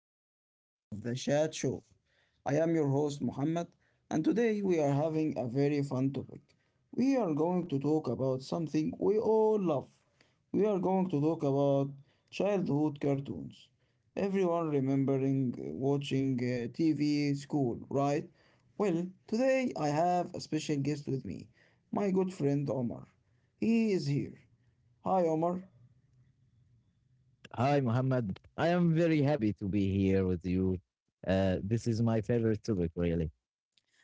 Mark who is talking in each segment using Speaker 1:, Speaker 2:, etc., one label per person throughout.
Speaker 1: another episode of The Chat Show. I am your host, Muhammad, and today we are having a very fun topic. We are going to talk about something we all love. We are going to talk about childhood cartoons. Everyone remembering watching TV, school, right? Well, today I have a special guest with me, my good friend Omar. He is here. Hi, Omar.
Speaker 2: Hi, Mohammed. I am very happy to be here with you. This is my favorite topic, really.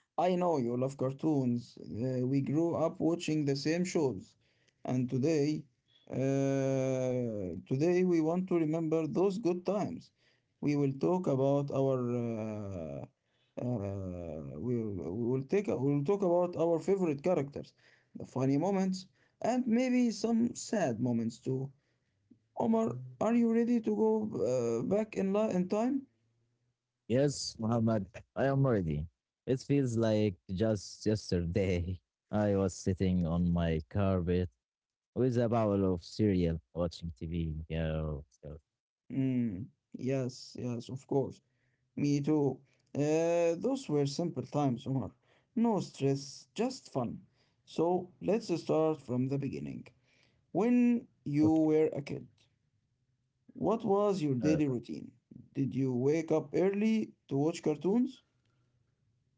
Speaker 1: I know you love cartoons. We grew up watching the same shows. And today, today we want to remember those good times. We will talk about our we will talk about our favorite characters, the funny moments, and maybe some sad moments too. Omar, are you ready to go back in time?
Speaker 2: Yes, Mohammed, I am ready. It feels like just yesterday I was sitting on my carpet with a bowl of cereal watching TV. Yeah,
Speaker 1: Mm, yes, yes, of course. Me too. Those were simple times, Omar. No stress, just fun. So let's start from the beginning. When you
Speaker 2: okay.
Speaker 1: were a kid, what was your
Speaker 2: Uh,
Speaker 1: daily routine? Did you wake up early to watch cartoons?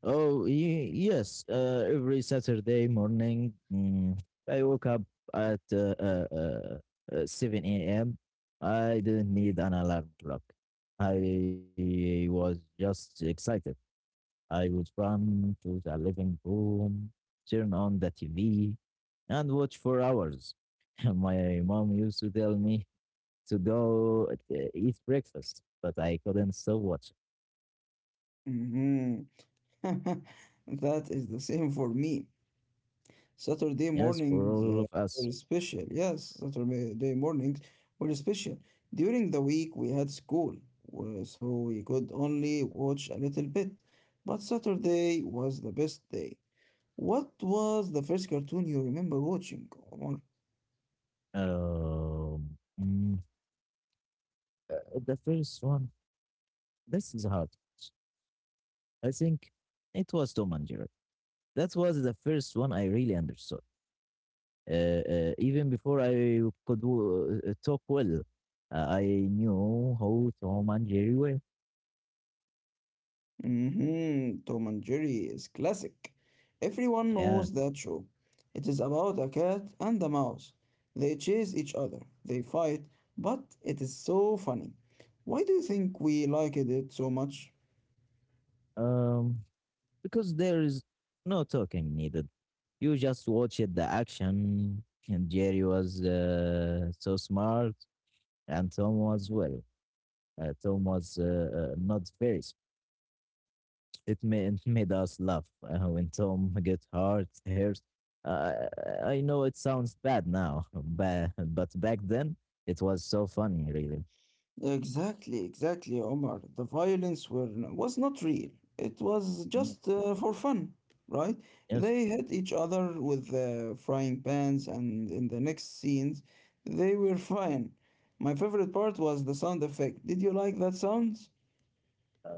Speaker 2: Oh, yes. Every Saturday morning, I woke up at 7 a.m. I didn't need an alarm clock. I was just excited. I would run to the living room, turn on the TV, and watch for hours. My mom used to tell me to go eat breakfast, but I couldn't stop watching.
Speaker 1: Mm-hmm. That is the same for me. Saturday
Speaker 2: Yes, for
Speaker 1: mornings
Speaker 2: all of us.
Speaker 1: were special. Yes, Saturday mornings were special. During the week, we had school, so we could only watch a little bit. But Saturday was the best day. What was the first cartoon you remember watching, Omar?
Speaker 2: Um, mm, the first one, this is hard. I think it was Tom and Jerry. That was the first one I really understood. Uh, Even before I could talk well, I knew how Tom and Jerry were.
Speaker 1: Mm-hmm. Tom and Jerry is classic. Everyone
Speaker 2: Yeah.
Speaker 1: knows that show. It is about a cat and a mouse. They chase each other, they fight, but it is so funny. Why do you think we liked it so much?
Speaker 2: Um, because there is no talking needed. You just watch it, the action, and Jerry was so smart, and Tom was, well. Tom was not very. It made us laugh when Tom get hurt. Uh, I know it sounds bad now, but back then it was so funny, really.
Speaker 1: Exactly, exactly, Omar. The violence was not real. It was
Speaker 2: Mm,
Speaker 1: just for fun, right?
Speaker 2: yes,
Speaker 1: They hit each other with frying pans, and in the next scenes, they were fine. My favorite part was the sound effect. Did you like that sounds?
Speaker 2: uh,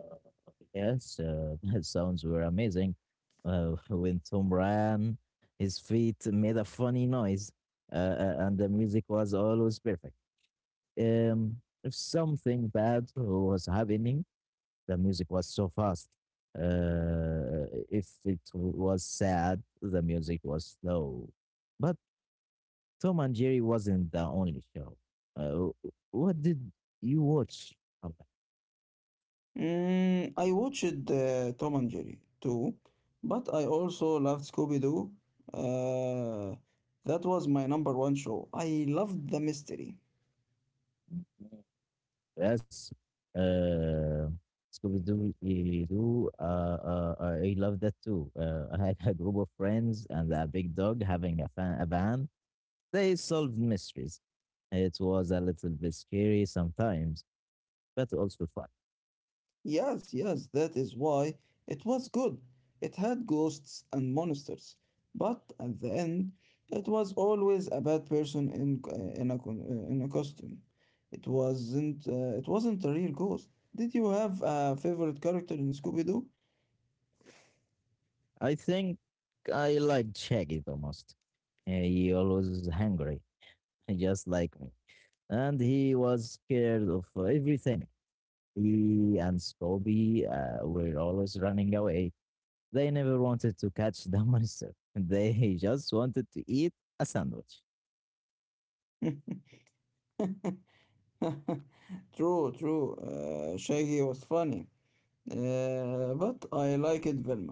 Speaker 2: yes, his sounds were amazing. When Tom ran, his feet made a funny noise, and the music was always perfect. Um, if something bad was happening, the music was so fast. Uh, if it was sad, the music was slow. But Tom and Jerry wasn't the only show. Uh, what did you watch, Ahmed?
Speaker 1: Mm, I watched Tom and Jerry too, but I also loved Scooby Doo. Uh, that was my number one show. I loved the mystery.
Speaker 2: Yes. Uh, Scooby Doo. I love that too. I had a group of friends and a big dog having a van. They solved mysteries. It was a little bit scary sometimes, but also fun.
Speaker 1: Yes, yes, that is why it was good. It had ghosts and monsters, but at the end, it was always a bad person in a costume. It wasn't a real ghost. Did you have a favorite character in Scooby Doo?
Speaker 2: I think I liked Shaggy the most. He always was hungry, just like me, and he was scared of everything. He and Scobie were always running away. They never wanted to catch the monster. They just wanted to eat a sandwich.
Speaker 1: True, true. Shaggy was funny. But I liked Velma.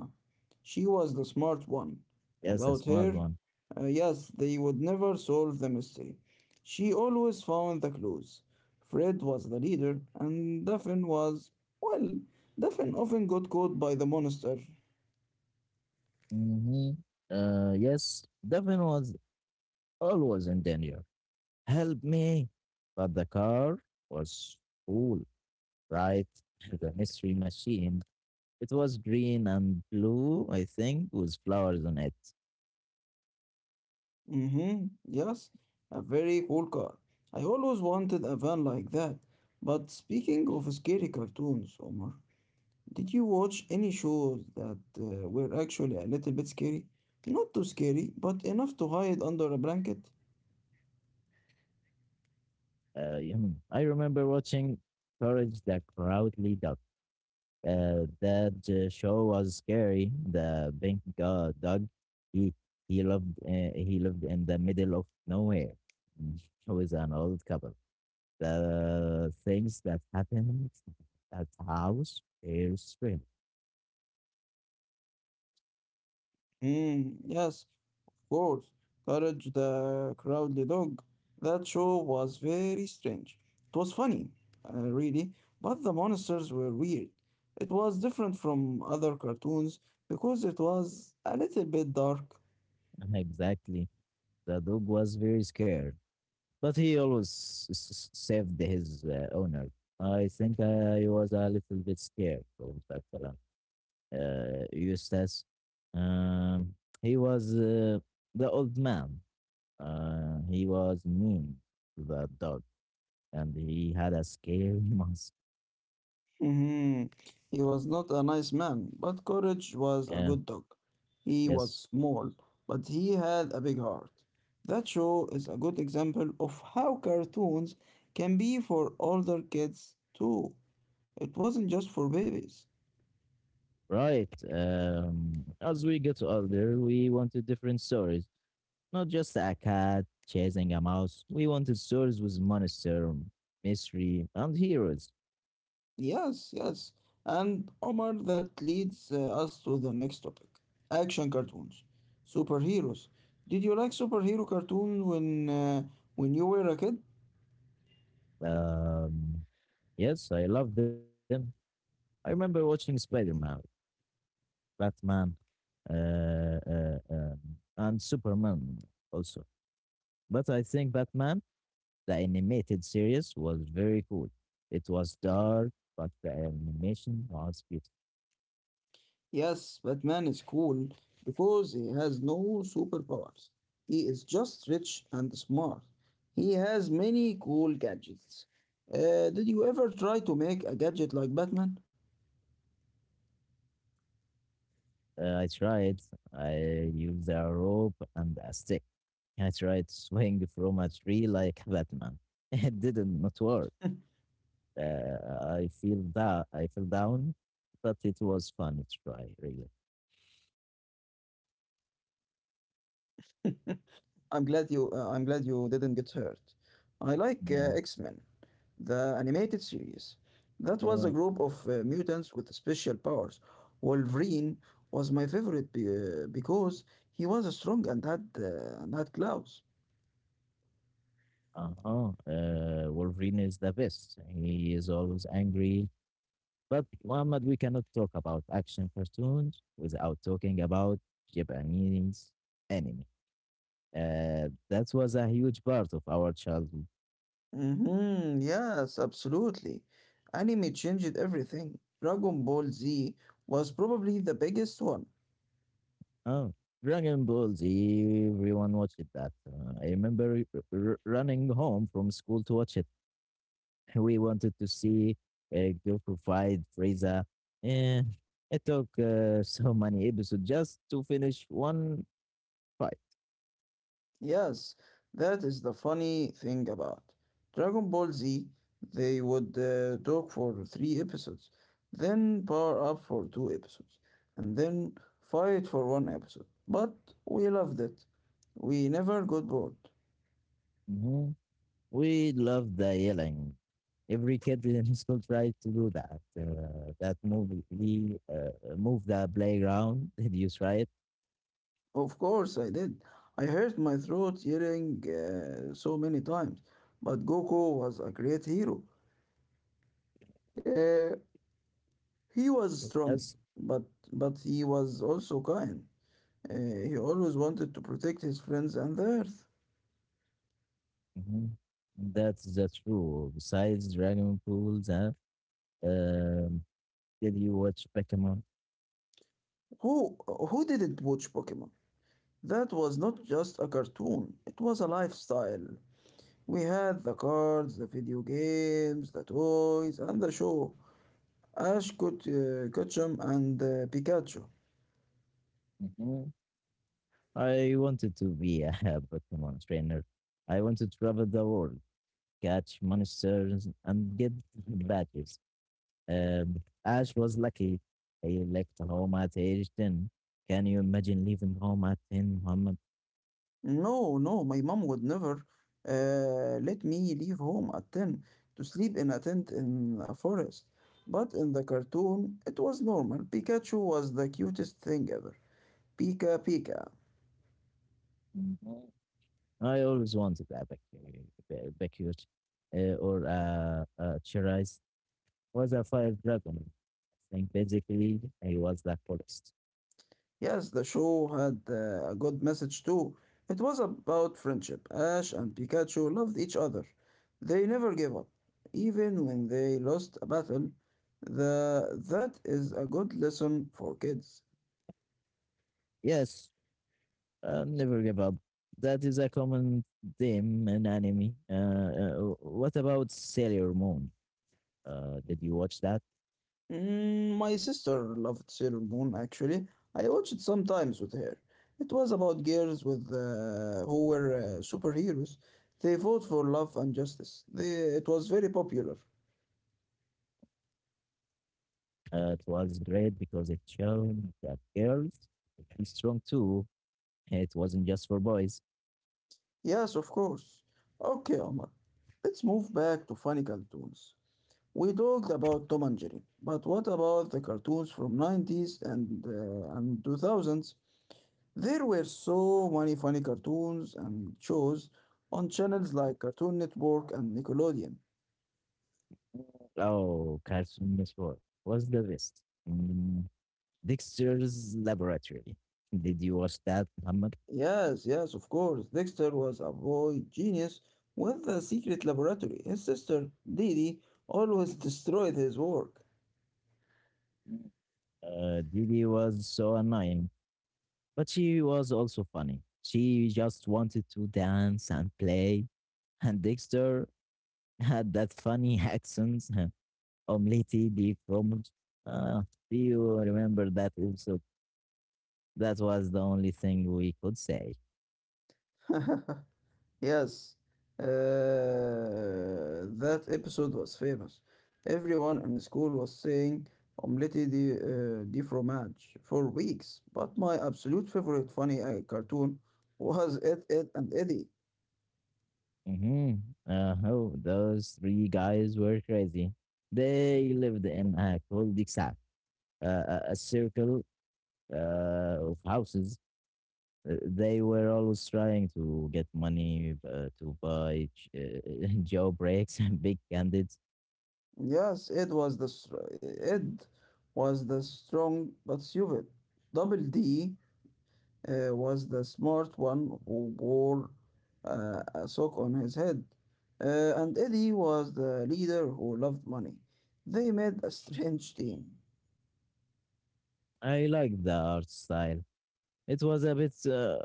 Speaker 1: She was the smart one.
Speaker 2: Yes, a
Speaker 1: Without
Speaker 2: smart
Speaker 1: her,
Speaker 2: one.
Speaker 1: Yes, they would never solve the mystery. She always found the clues. Fred was the leader, and Daphne was, well, Daphne often got caught by the monster.
Speaker 2: hmm yes, Devin was always in danger. Help me. But the car was cool, right? The mystery machine. It was green and blue, I think, with flowers on it.
Speaker 1: Mm-hmm, yes, a very cool car. I always wanted a van like that. But speaking of scary cartoons, Omar, did you watch any shows that were actually a little bit scary? Not too scary, but enough to hide under a blanket?
Speaker 2: I remember watching Courage the Crowdly Dog. That show was scary. The big dog, he he lived in the middle of nowhere with an old couple. The things that happened at house are strange.
Speaker 1: Mm, yes, of course. Courage the Cowardly Dog. That show was very strange. It was funny, really, but the monsters were weird. It was different from other cartoons because it was a little bit dark.
Speaker 2: Exactly. The dog was very scared, but he always saved his owner. I think I was a little bit scared of that fella, Eustace. Um, he was the old man. He was mean to the dog, and he had a scary mask.
Speaker 1: Mhm. He was not a nice man, but Courage was a good
Speaker 2: Yeah,
Speaker 1: dog. He was
Speaker 2: yes,
Speaker 1: small, but he had a big heart. That show is a good example of how cartoons can be for older kids too. It wasn't just for babies.
Speaker 2: right. As we get older, we wanted different stories, not just a cat chasing a mouse. We wanted stories with monster, mystery, and heroes.
Speaker 1: Yes, yes. And Omar, that leads us to the next topic, action cartoons. Superheroes. Did you like superhero cartoons when you were a kid?
Speaker 2: Um, yes, I love them. I remember watching Spider Man, Batman, uh, uh, um, and Superman also. But I think Batman, the animated series, was very cool. It was dark, but the animation was beautiful.
Speaker 1: Yes, Batman is cool because he has no superpowers. He is just rich and smart. He has many cool gadgets. Did you ever try to make a gadget like Batman?
Speaker 2: I tried. I used a rope and a stick. I tried to swing from a tree like Batman. It didn't not work. I feel that I fell down, but it was fun to try. Really.
Speaker 1: I'm glad you didn't get hurt. I like X-Men.
Speaker 2: Yeah.
Speaker 1: The animated series. That was a group of
Speaker 2: Yeah.
Speaker 1: mutants with special powers. Wolverine was my favorite because he was strong and had claws.
Speaker 2: Uh-huh. Wolverine is the best. He is always angry. But Muhammad, we cannot talk about action cartoons without talking about Japanese anime. That was a huge part of our childhood.
Speaker 1: Mm-hmm, yes, absolutely. Anime changed everything. Dragon Ball Z was probably the biggest one.
Speaker 2: Oh, Dragon Ball Z, everyone watched that. I remember running home from school to watch it. We wanted to see Goku fight Frieza. Eh, it took so many episodes just to finish one. Right.
Speaker 1: Yes, that is the funny thing about Dragon Ball Z. They would talk for three episodes, then power up for two episodes, and then fight for one episode. But we loved it. We never got bored.
Speaker 2: Mhm. We love the yelling. Every kid in high school tries to do that. That move, we move the playground. Did you try it?
Speaker 1: Of course, I did. I hurt my throat yelling so many times. But Goku was a great hero. Uh, he was strong,
Speaker 2: Yes.
Speaker 1: but he was also kind. He always wanted to protect his friends and the Earth.
Speaker 2: Mhm. That's the true. Besides, running pools, huh? Um, did you watch Pokemon?
Speaker 1: Who who didn't watch Pokemon? That was not just a cartoon. It was a lifestyle. We had the cards, the video games, the toys, and the show. Ash could Ketchum and Pikachu.
Speaker 2: Mhm. I wanted to be a Pokemon trainer. I want to travel the world, catch monsters, and get badges. Ash was lucky. He left home at age 10. Can you imagine leaving home at 10, Muhammad?
Speaker 1: No, no, my mom would never let me leave home at 10 to sleep in a tent in a forest. But in the cartoon, it was normal. Pikachu was the cutest thing ever. Pika Pika.
Speaker 2: Mhm. I always wanted a Bakute or a Chirize. Was a fire dragon. I think basically he was the forest.
Speaker 1: Yes, the show had a good message too. It was about friendship. Ash and Pikachu loved each other. They never gave up, even when they lost a battle. That is a good lesson for kids.
Speaker 2: Yes. Never give up. That is a common theme in anime. What about Sailor Moon? Did you watch that?
Speaker 1: Mm, my sister loved Sailor Moon actually. I watch it sometimes with her. It was about girls with who were superheroes. They fought for love and justice. It was very popular.
Speaker 2: It was great because it showed that girls are strong too. It wasn't just for boys.
Speaker 1: Yes, of course. Okay, Omar, let's move back to funny cartoons. We talked about Tom and Jerry, but what about the cartoons from 90s and 2000s? There were so many funny cartoons and shows on channels like Cartoon Network and Nickelodeon.
Speaker 2: Oh, Cartoon Network was the best. Mm, Dexter's Laboratory. Did you watch that, Muhammad?
Speaker 1: Yes, yes, of course. Dexter was a boy genius with a secret laboratory. His sister, Dee Dee, always destroyed his work.
Speaker 2: Didi was so annoying. But she was also funny. She just wanted to dance and play. And Dexter had that funny accent, omelette de fromage. Uh, do you remember that episode? That was the only thing we could say.
Speaker 1: Yes, that episode was famous. Everyone in school was saying Omelette de fromage for weeks, but my absolute favorite funny cartoon was Ed, Ed and Eddie.
Speaker 2: hmm oh, those three guys were crazy. They lived in a cul-de-sac, a circle of houses, they were always trying to get money to buy jailbreaks and big candids.
Speaker 1: Yes, Ed was the strong but stupid. Double D was the smart one who wore a sock on his head. And Eddie was the leader who loved money. They made a strange team.
Speaker 2: I liked the art style. It was a bit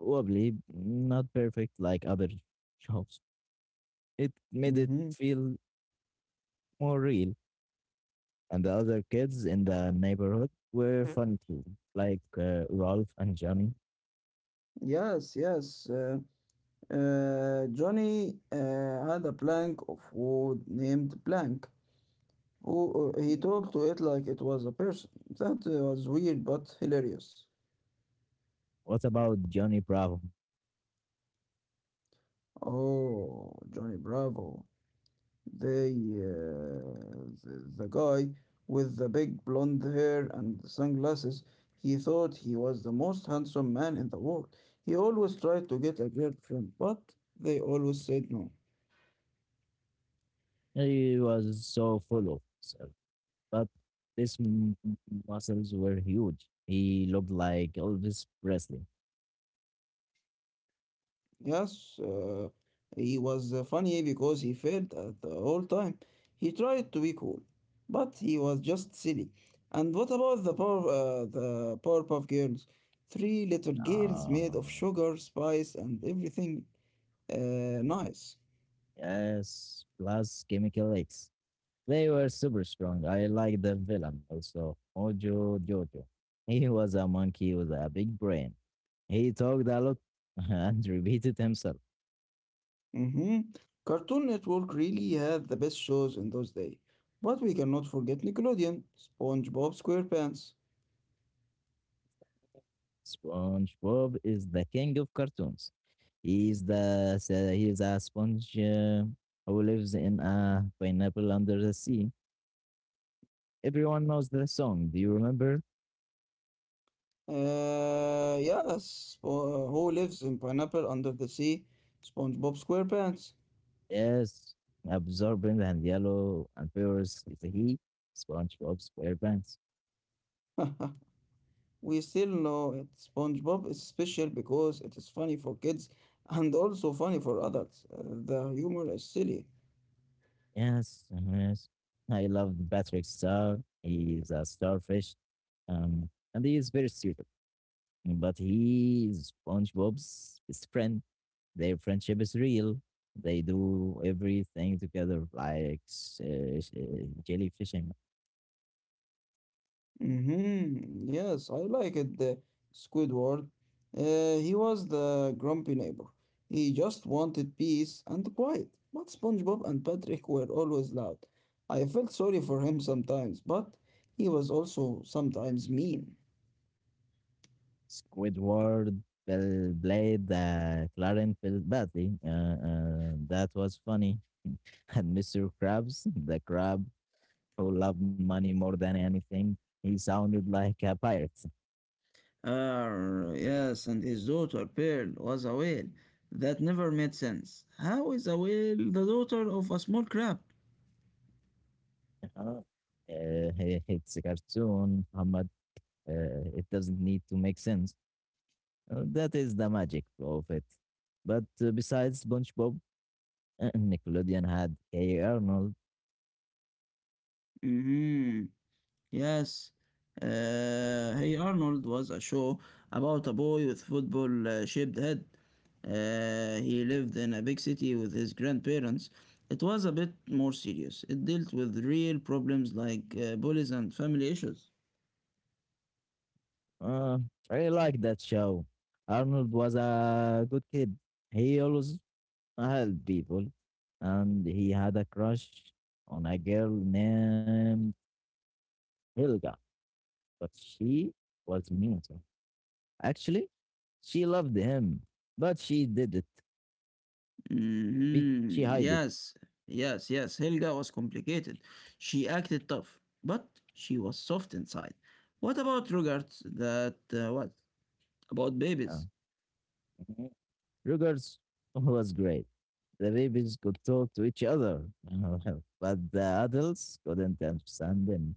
Speaker 2: wobbly, not perfect like other shops. It made it
Speaker 1: Hmm
Speaker 2: feel more real. And the other kids in the neighborhood were fun too, like Rolf and Johnny.
Speaker 1: Yes, yes. Johnny had a plank of wood named Blank. He talked to it like it was a person. That was weird but hilarious.
Speaker 2: What about Johnny Bravo?
Speaker 1: Oh, Johnny Bravo. They, the guy with the big blonde hair and the sunglasses, he thought he was the most handsome man in the world. He always tried to get a girlfriend, but they always said no.
Speaker 2: He was so full of himself, but these muscles were huge. He looked like Elvis Presley.
Speaker 1: Yes, he was funny because he failed at the whole time. He tried to be cool, but he was just silly. And what about the Powerpuff Girls? Three little girls
Speaker 2: Uh,
Speaker 1: made of sugar, spice, and everything nice.
Speaker 2: yes, plus chemical X. They were super strong. I like the villain also, Mojo Jojo. He was a monkey with a big brain. He talked a lot and repeated himself.
Speaker 1: Hmm Cartoon Network really had the best shows in those days. But we cannot forget Nickelodeon, SpongeBob SquarePants.
Speaker 2: SpongeBob is the king of cartoons. He's the he's a sponge who lives in a pineapple under the sea. Everyone knows the song. Do you remember?
Speaker 1: Who lives in pineapple under the sea? SpongeBob SquarePants.
Speaker 2: Yes. Absorbent and yellow and Paris is a he. SpongeBob SquarePants.
Speaker 1: We still know it. SpongeBob is special because it is funny for kids and also funny for adults. The humor is silly.
Speaker 2: Yes, yes. I love Patrick Star. He's a starfish. And he is very stupid. But he is SpongeBob's best friend. Their friendship is real. They do everything together, like jellyfishing.
Speaker 1: Mm-hmm. Yes, I like it. The Squidward. He was the grumpy neighbor. He just wanted peace and quiet. But SpongeBob and Patrick were always loud. I felt sorry for him sometimes, but he was also sometimes mean.
Speaker 2: Squidward Bell played Clarence Bell badly. That was funny. And Mr. Krabs, the crab who loved money more than anything, he sounded like a pirate.
Speaker 1: Ah, yes, and his daughter Pearl was a whale. That never made sense. How is a whale the daughter of a small crab?
Speaker 2: uh, it's a cartoon, Muhammad. It doesn't need to make sense. That is the magic of it. But besides SpongeBob, Nickelodeon had Hey Arnold.
Speaker 1: Mm-hmm. Yes, Hey Arnold was a show about a boy with football shaped head. He lived in a big city with his grandparents. It was a bit more serious. It dealt with real problems like bullies and family issues.
Speaker 2: Uh, I like that show. Arnold was a good kid. He always helped people, and he had a crush on a girl named Helga, but she was mean to him. Actually, she loved him, but she did it. She
Speaker 1: Hmm
Speaker 2: hid it.
Speaker 1: Yes, yes, yes. Helga was complicated. She acted tough, but she was soft inside. What about
Speaker 2: Uh,
Speaker 1: babies?
Speaker 2: mhm. Rugers was great. The babies could talk to each other, but the adults couldn't understand them.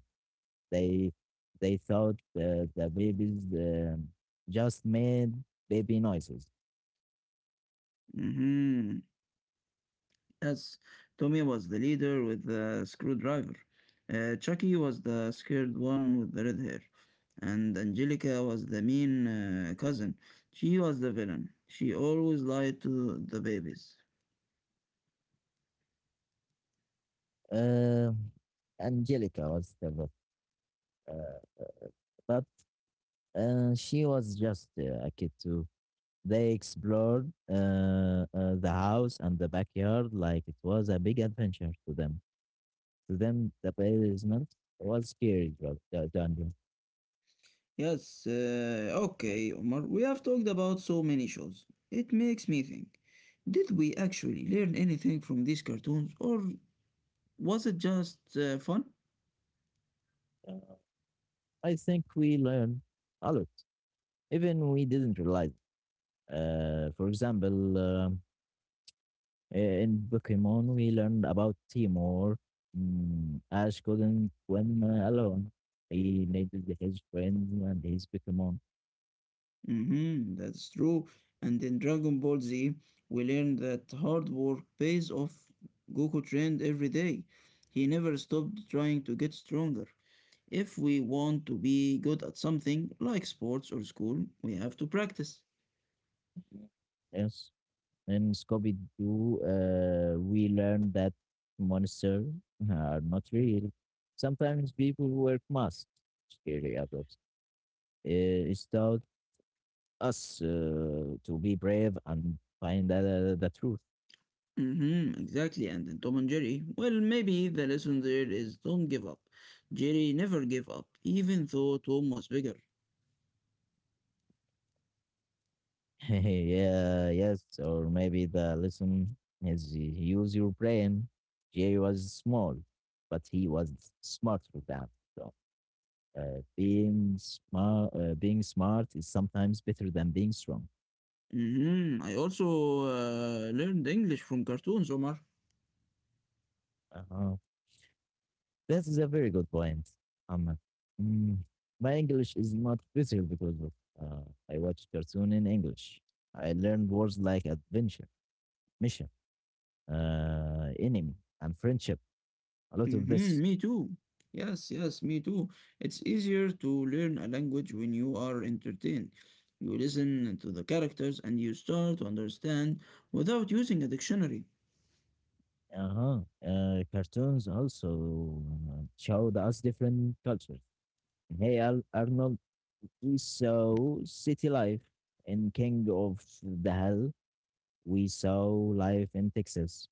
Speaker 2: They they thought the babies just made baby noises.
Speaker 1: Mhm. Yes, Tommy was the leader with the screwdriver. Chucky was the scared one with the red hair. And Angelica was the mean cousin. She was the villain. She always lied to the babies.
Speaker 2: Um Angelica was the book, uh, but she was just a kid too. They explored the house and the backyard like it was a big adventure to them. To them, the basement was scary dungeon.
Speaker 1: Yes, okay, Omar. We have talked about so many shows. It makes me think. Did we actually learn anything from these cartoons, or was it just fun?
Speaker 2: Uh, I think we learned a lot, even we didn't realize it. For example, in Pokemon, we learned about Timor. Ash couldn't swim alone. He needed his friends and his Pokemon.
Speaker 1: Mm-hmm, that's true. And in Dragon Ball Z, we learn that hard work pays off. Goku trained every day. He never stopped trying to get stronger. If we want to be good at something, like sports or school, we have to practice.
Speaker 2: Yes. In Scooby Doo, we learned that monsters are not real. Sometimes people wear masks, scary adults. It's taught us to be brave and find the truth.
Speaker 1: Mm-hmm, exactly. And in Tom and Jerry, well, maybe the lesson there is don't give up. Jerry never gave up, even though Tom was bigger.
Speaker 2: Yeah, yes, or maybe the lesson is use your brain. Jerry was small, but he was smarter than. So, being smart is sometimes better than being strong.
Speaker 1: Mm-hmm. I also learned English from cartoons, Omar.
Speaker 2: Uh-huh. This is a very good point, Ahmed. mm, my English is not better because of uh, I watch cartoon in English. I learned words like adventure, mission, enemy, and friendship. A lot of
Speaker 1: Mm-hmm,
Speaker 2: this.
Speaker 1: me too. Yes, yes, me too. It's easier to learn a language when you are entertained. You listen to the characters and you start to understand without using a dictionary.
Speaker 2: Uh-huh. Cartoons also showed us different cultures. In Hey Arnold, we saw city life. In King of the Hill, we saw life in Texas.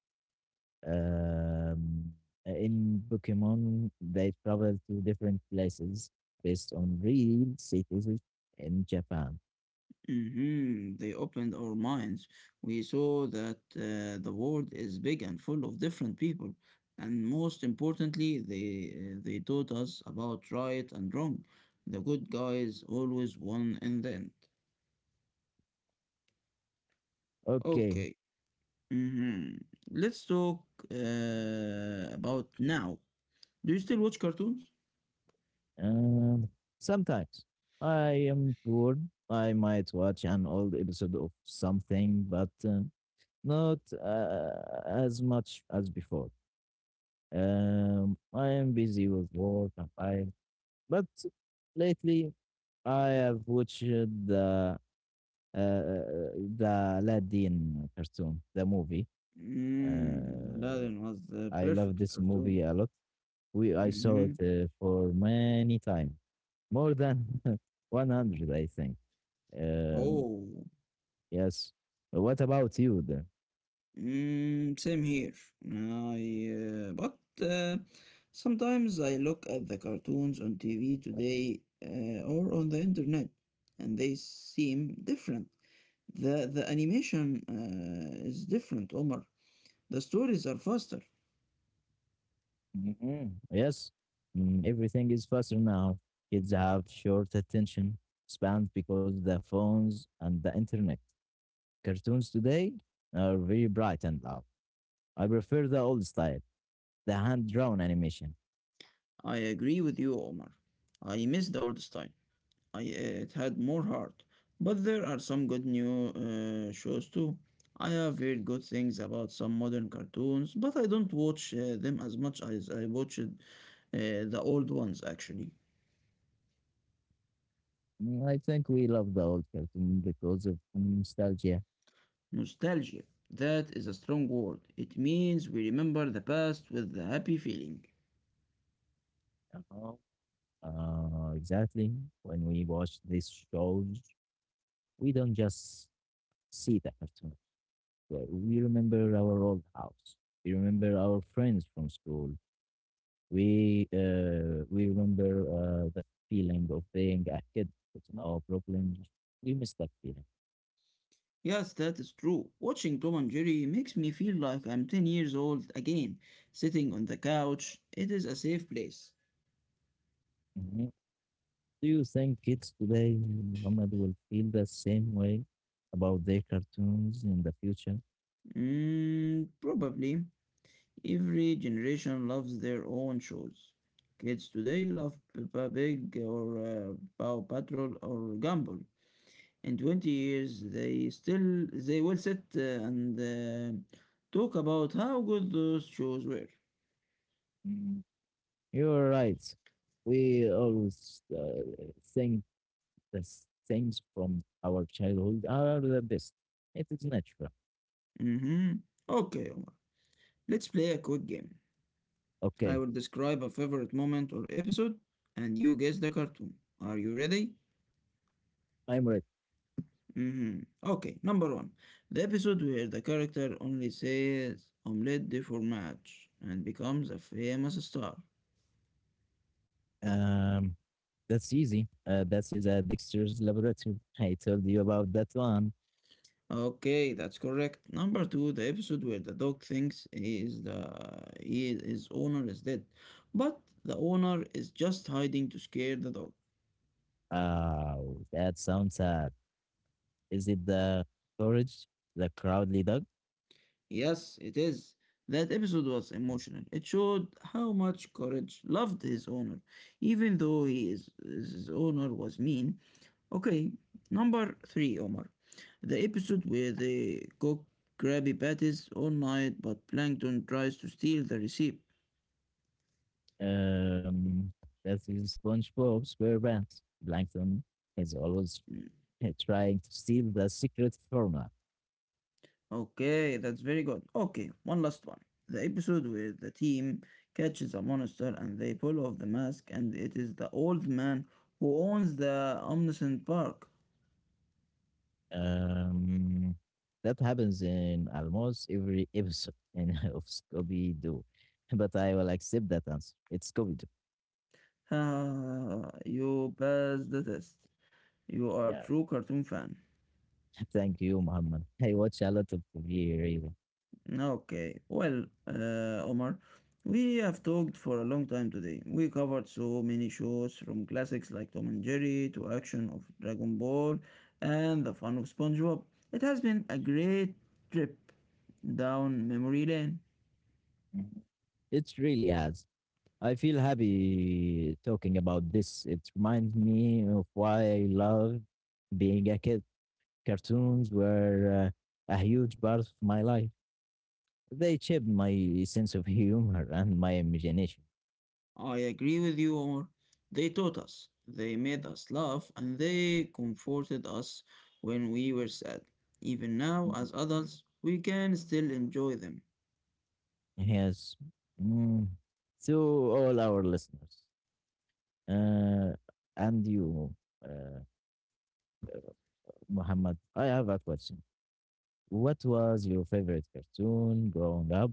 Speaker 2: Um, in Pokemon, they travel to different places based on real cities in Japan.
Speaker 1: Mm-hmm, they opened our minds. We saw that the world is big and full of different people. And most importantly, they taught us about right and wrong. The good guys always won in the end.
Speaker 2: Okay.
Speaker 1: Okay. Mhm. Let's talk about now. Do you still watch cartoons?
Speaker 2: Um, Sometimes I am bored. I might watch an old episode of something, but not as much as before. I am busy with work and time, but lately I have watched the Aladdin cartoon, the movie.
Speaker 1: Mm,
Speaker 2: Uh,
Speaker 1: Aladdin was the
Speaker 2: I love
Speaker 1: perfect
Speaker 2: this
Speaker 1: cartoon.
Speaker 2: movie a lot. We I saw
Speaker 1: Hmm.
Speaker 2: it for many times, more than 100, I think. Um,
Speaker 1: Oh.
Speaker 2: yes. What about you then?
Speaker 1: Mm, same here. I but uh, sometimes I look at the cartoons on TV today or on the internet, and they seem different. The animation is different, Omar. The stories are faster.
Speaker 2: Mm-hmm. Yes, everything is faster now. Kids have short attention spans because of the phones and the internet. Cartoons today are very bright and loud. I prefer the old style, the hand drawn animation.
Speaker 1: I agree with you, Omar. I miss the old style. It had more heart. But there are some good new shows too. I have heard good things about some modern cartoons, but I don't watch them as much as I watched the old ones actually.
Speaker 2: I think we love the old cartoon because of nostalgia.
Speaker 1: Nostalgia. That is a strong word. It means we remember the past with the happy feeling.
Speaker 2: You know? Exactly. When we watch these shows, we don't just see the cartoon, but we remember our old house. We remember our friends from school. We remember the feeling of being a kid with no problems. We miss that feeling.
Speaker 1: Yes, that is true. Watching Tom and Jerry makes me feel like I'm 10 years old again, sitting on the couch. It is a safe place.
Speaker 2: Mhm. Do you think kids today, Muhammad, will feel the same way about their cartoons in the future?
Speaker 1: Mm, probably. Every generation loves their own shows. Kids today love Peppa Pig or Paw Patrol or Gumball. In 20 years, they will sit and talk about how good those shows were.
Speaker 2: Mm, You're right. We always think the things from our childhood are the best. It is natural.
Speaker 1: Mm-hmm. Okay, Omar. Let's play a quick game. I
Speaker 2: Okay,
Speaker 1: will describe a favorite moment or episode, and you guess the cartoon. Are you ready?
Speaker 2: I'm ready.
Speaker 1: Mhm. Okay, number one, the episode where the character only says omelette for match and becomes a famous star.
Speaker 2: Um, that's easy. That is a Dexter's laboratory. I told you about that one.
Speaker 1: Okay, that's correct. Number two, the episode where the dog thinks he is the he, his owner is dead, but the owner is just hiding to scare the dog.
Speaker 2: Oh, that sounds sad. Is it the courage, the Crowdly dog?
Speaker 1: Yes, it is. That episode was emotional. It showed how much Courage loved his owner, even though his owner was mean. Okay, number three, Omar. The episode where they cook Krabby Patties all night, but Plankton tries to steal the recipe.
Speaker 2: Um, that is SpongeBob SquarePants. Plankton is always
Speaker 1: Mm.
Speaker 2: trying to steal the secret formula.
Speaker 1: Okay, that's very good. Okay, one last one. The episode where the team catches a monster and they pull off the mask, and it is the old man who owns the Omniscient Park.
Speaker 2: Um, that happens in almost every episode of Scooby Doo, but I will accept that answer. It's Scooby Doo.
Speaker 1: Ah, you passed the test. You are a
Speaker 2: Yeah.
Speaker 1: true cartoon fan.
Speaker 2: Thank you, Muhammad. I watch a lot of TV, really.
Speaker 1: Okay, well, Omar, we have talked for a long time today. We covered so many shows from classics like Tom and Jerry to action of Dragon Ball and the fun of SpongeBob. It has been a great trip down memory lane.
Speaker 2: Mhm. It really has. I feel happy talking about this. It reminds me of why I love being a kid. Cartoons were a huge part of my life. They shaped my sense of humor and my imagination.
Speaker 1: I agree with you, Omar. They taught us, they made us laugh, and they comforted us when we were sad. Even now, as adults, we can still enjoy them.
Speaker 2: Yes. Mm. To all our listeners uh, and you, uh, Muhammad, I have a question. What was your favorite cartoon growing up?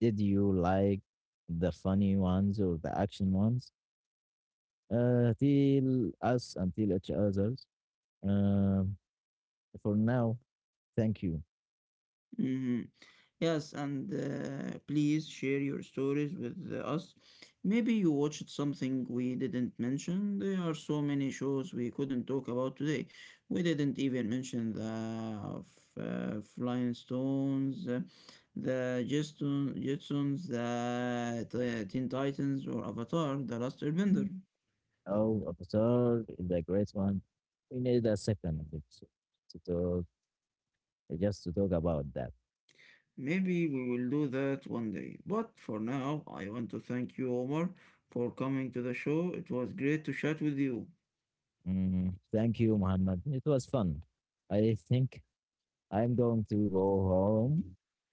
Speaker 2: Did you like the funny ones or the action ones? Till us until each others. Um, for now, thank you.
Speaker 1: Hmm. Yes, and please share your stories with us. Maybe you watched something we didn't mention. There are so many shows we couldn't talk about today. We didn't even mention the Flying Stones, the Jetsons, the Teen Titans, or Avatar: The Last Airbender.
Speaker 2: Mm. Oh, Avatar is a great one. We need a second episode to talk just to talk about that.
Speaker 1: Maybe we will do that one day. But for now, I want to thank you, Omar, for coming to the show. It was great to chat with you.
Speaker 2: Thank you, Muhammad. It was fun. I think I'm going to go home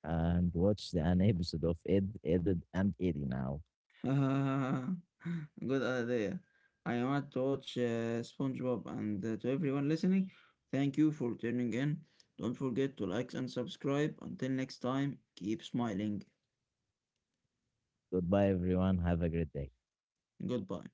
Speaker 2: and watch an episode of Ed, Ed, and Eddie now.
Speaker 1: Good idea. I want to watch SpongeBob and to everyone listening, thank you for tuning in. Don't forget to like and subscribe. Until next time, keep smiling.
Speaker 2: Goodbye, everyone. Have a great day.
Speaker 1: Goodbye.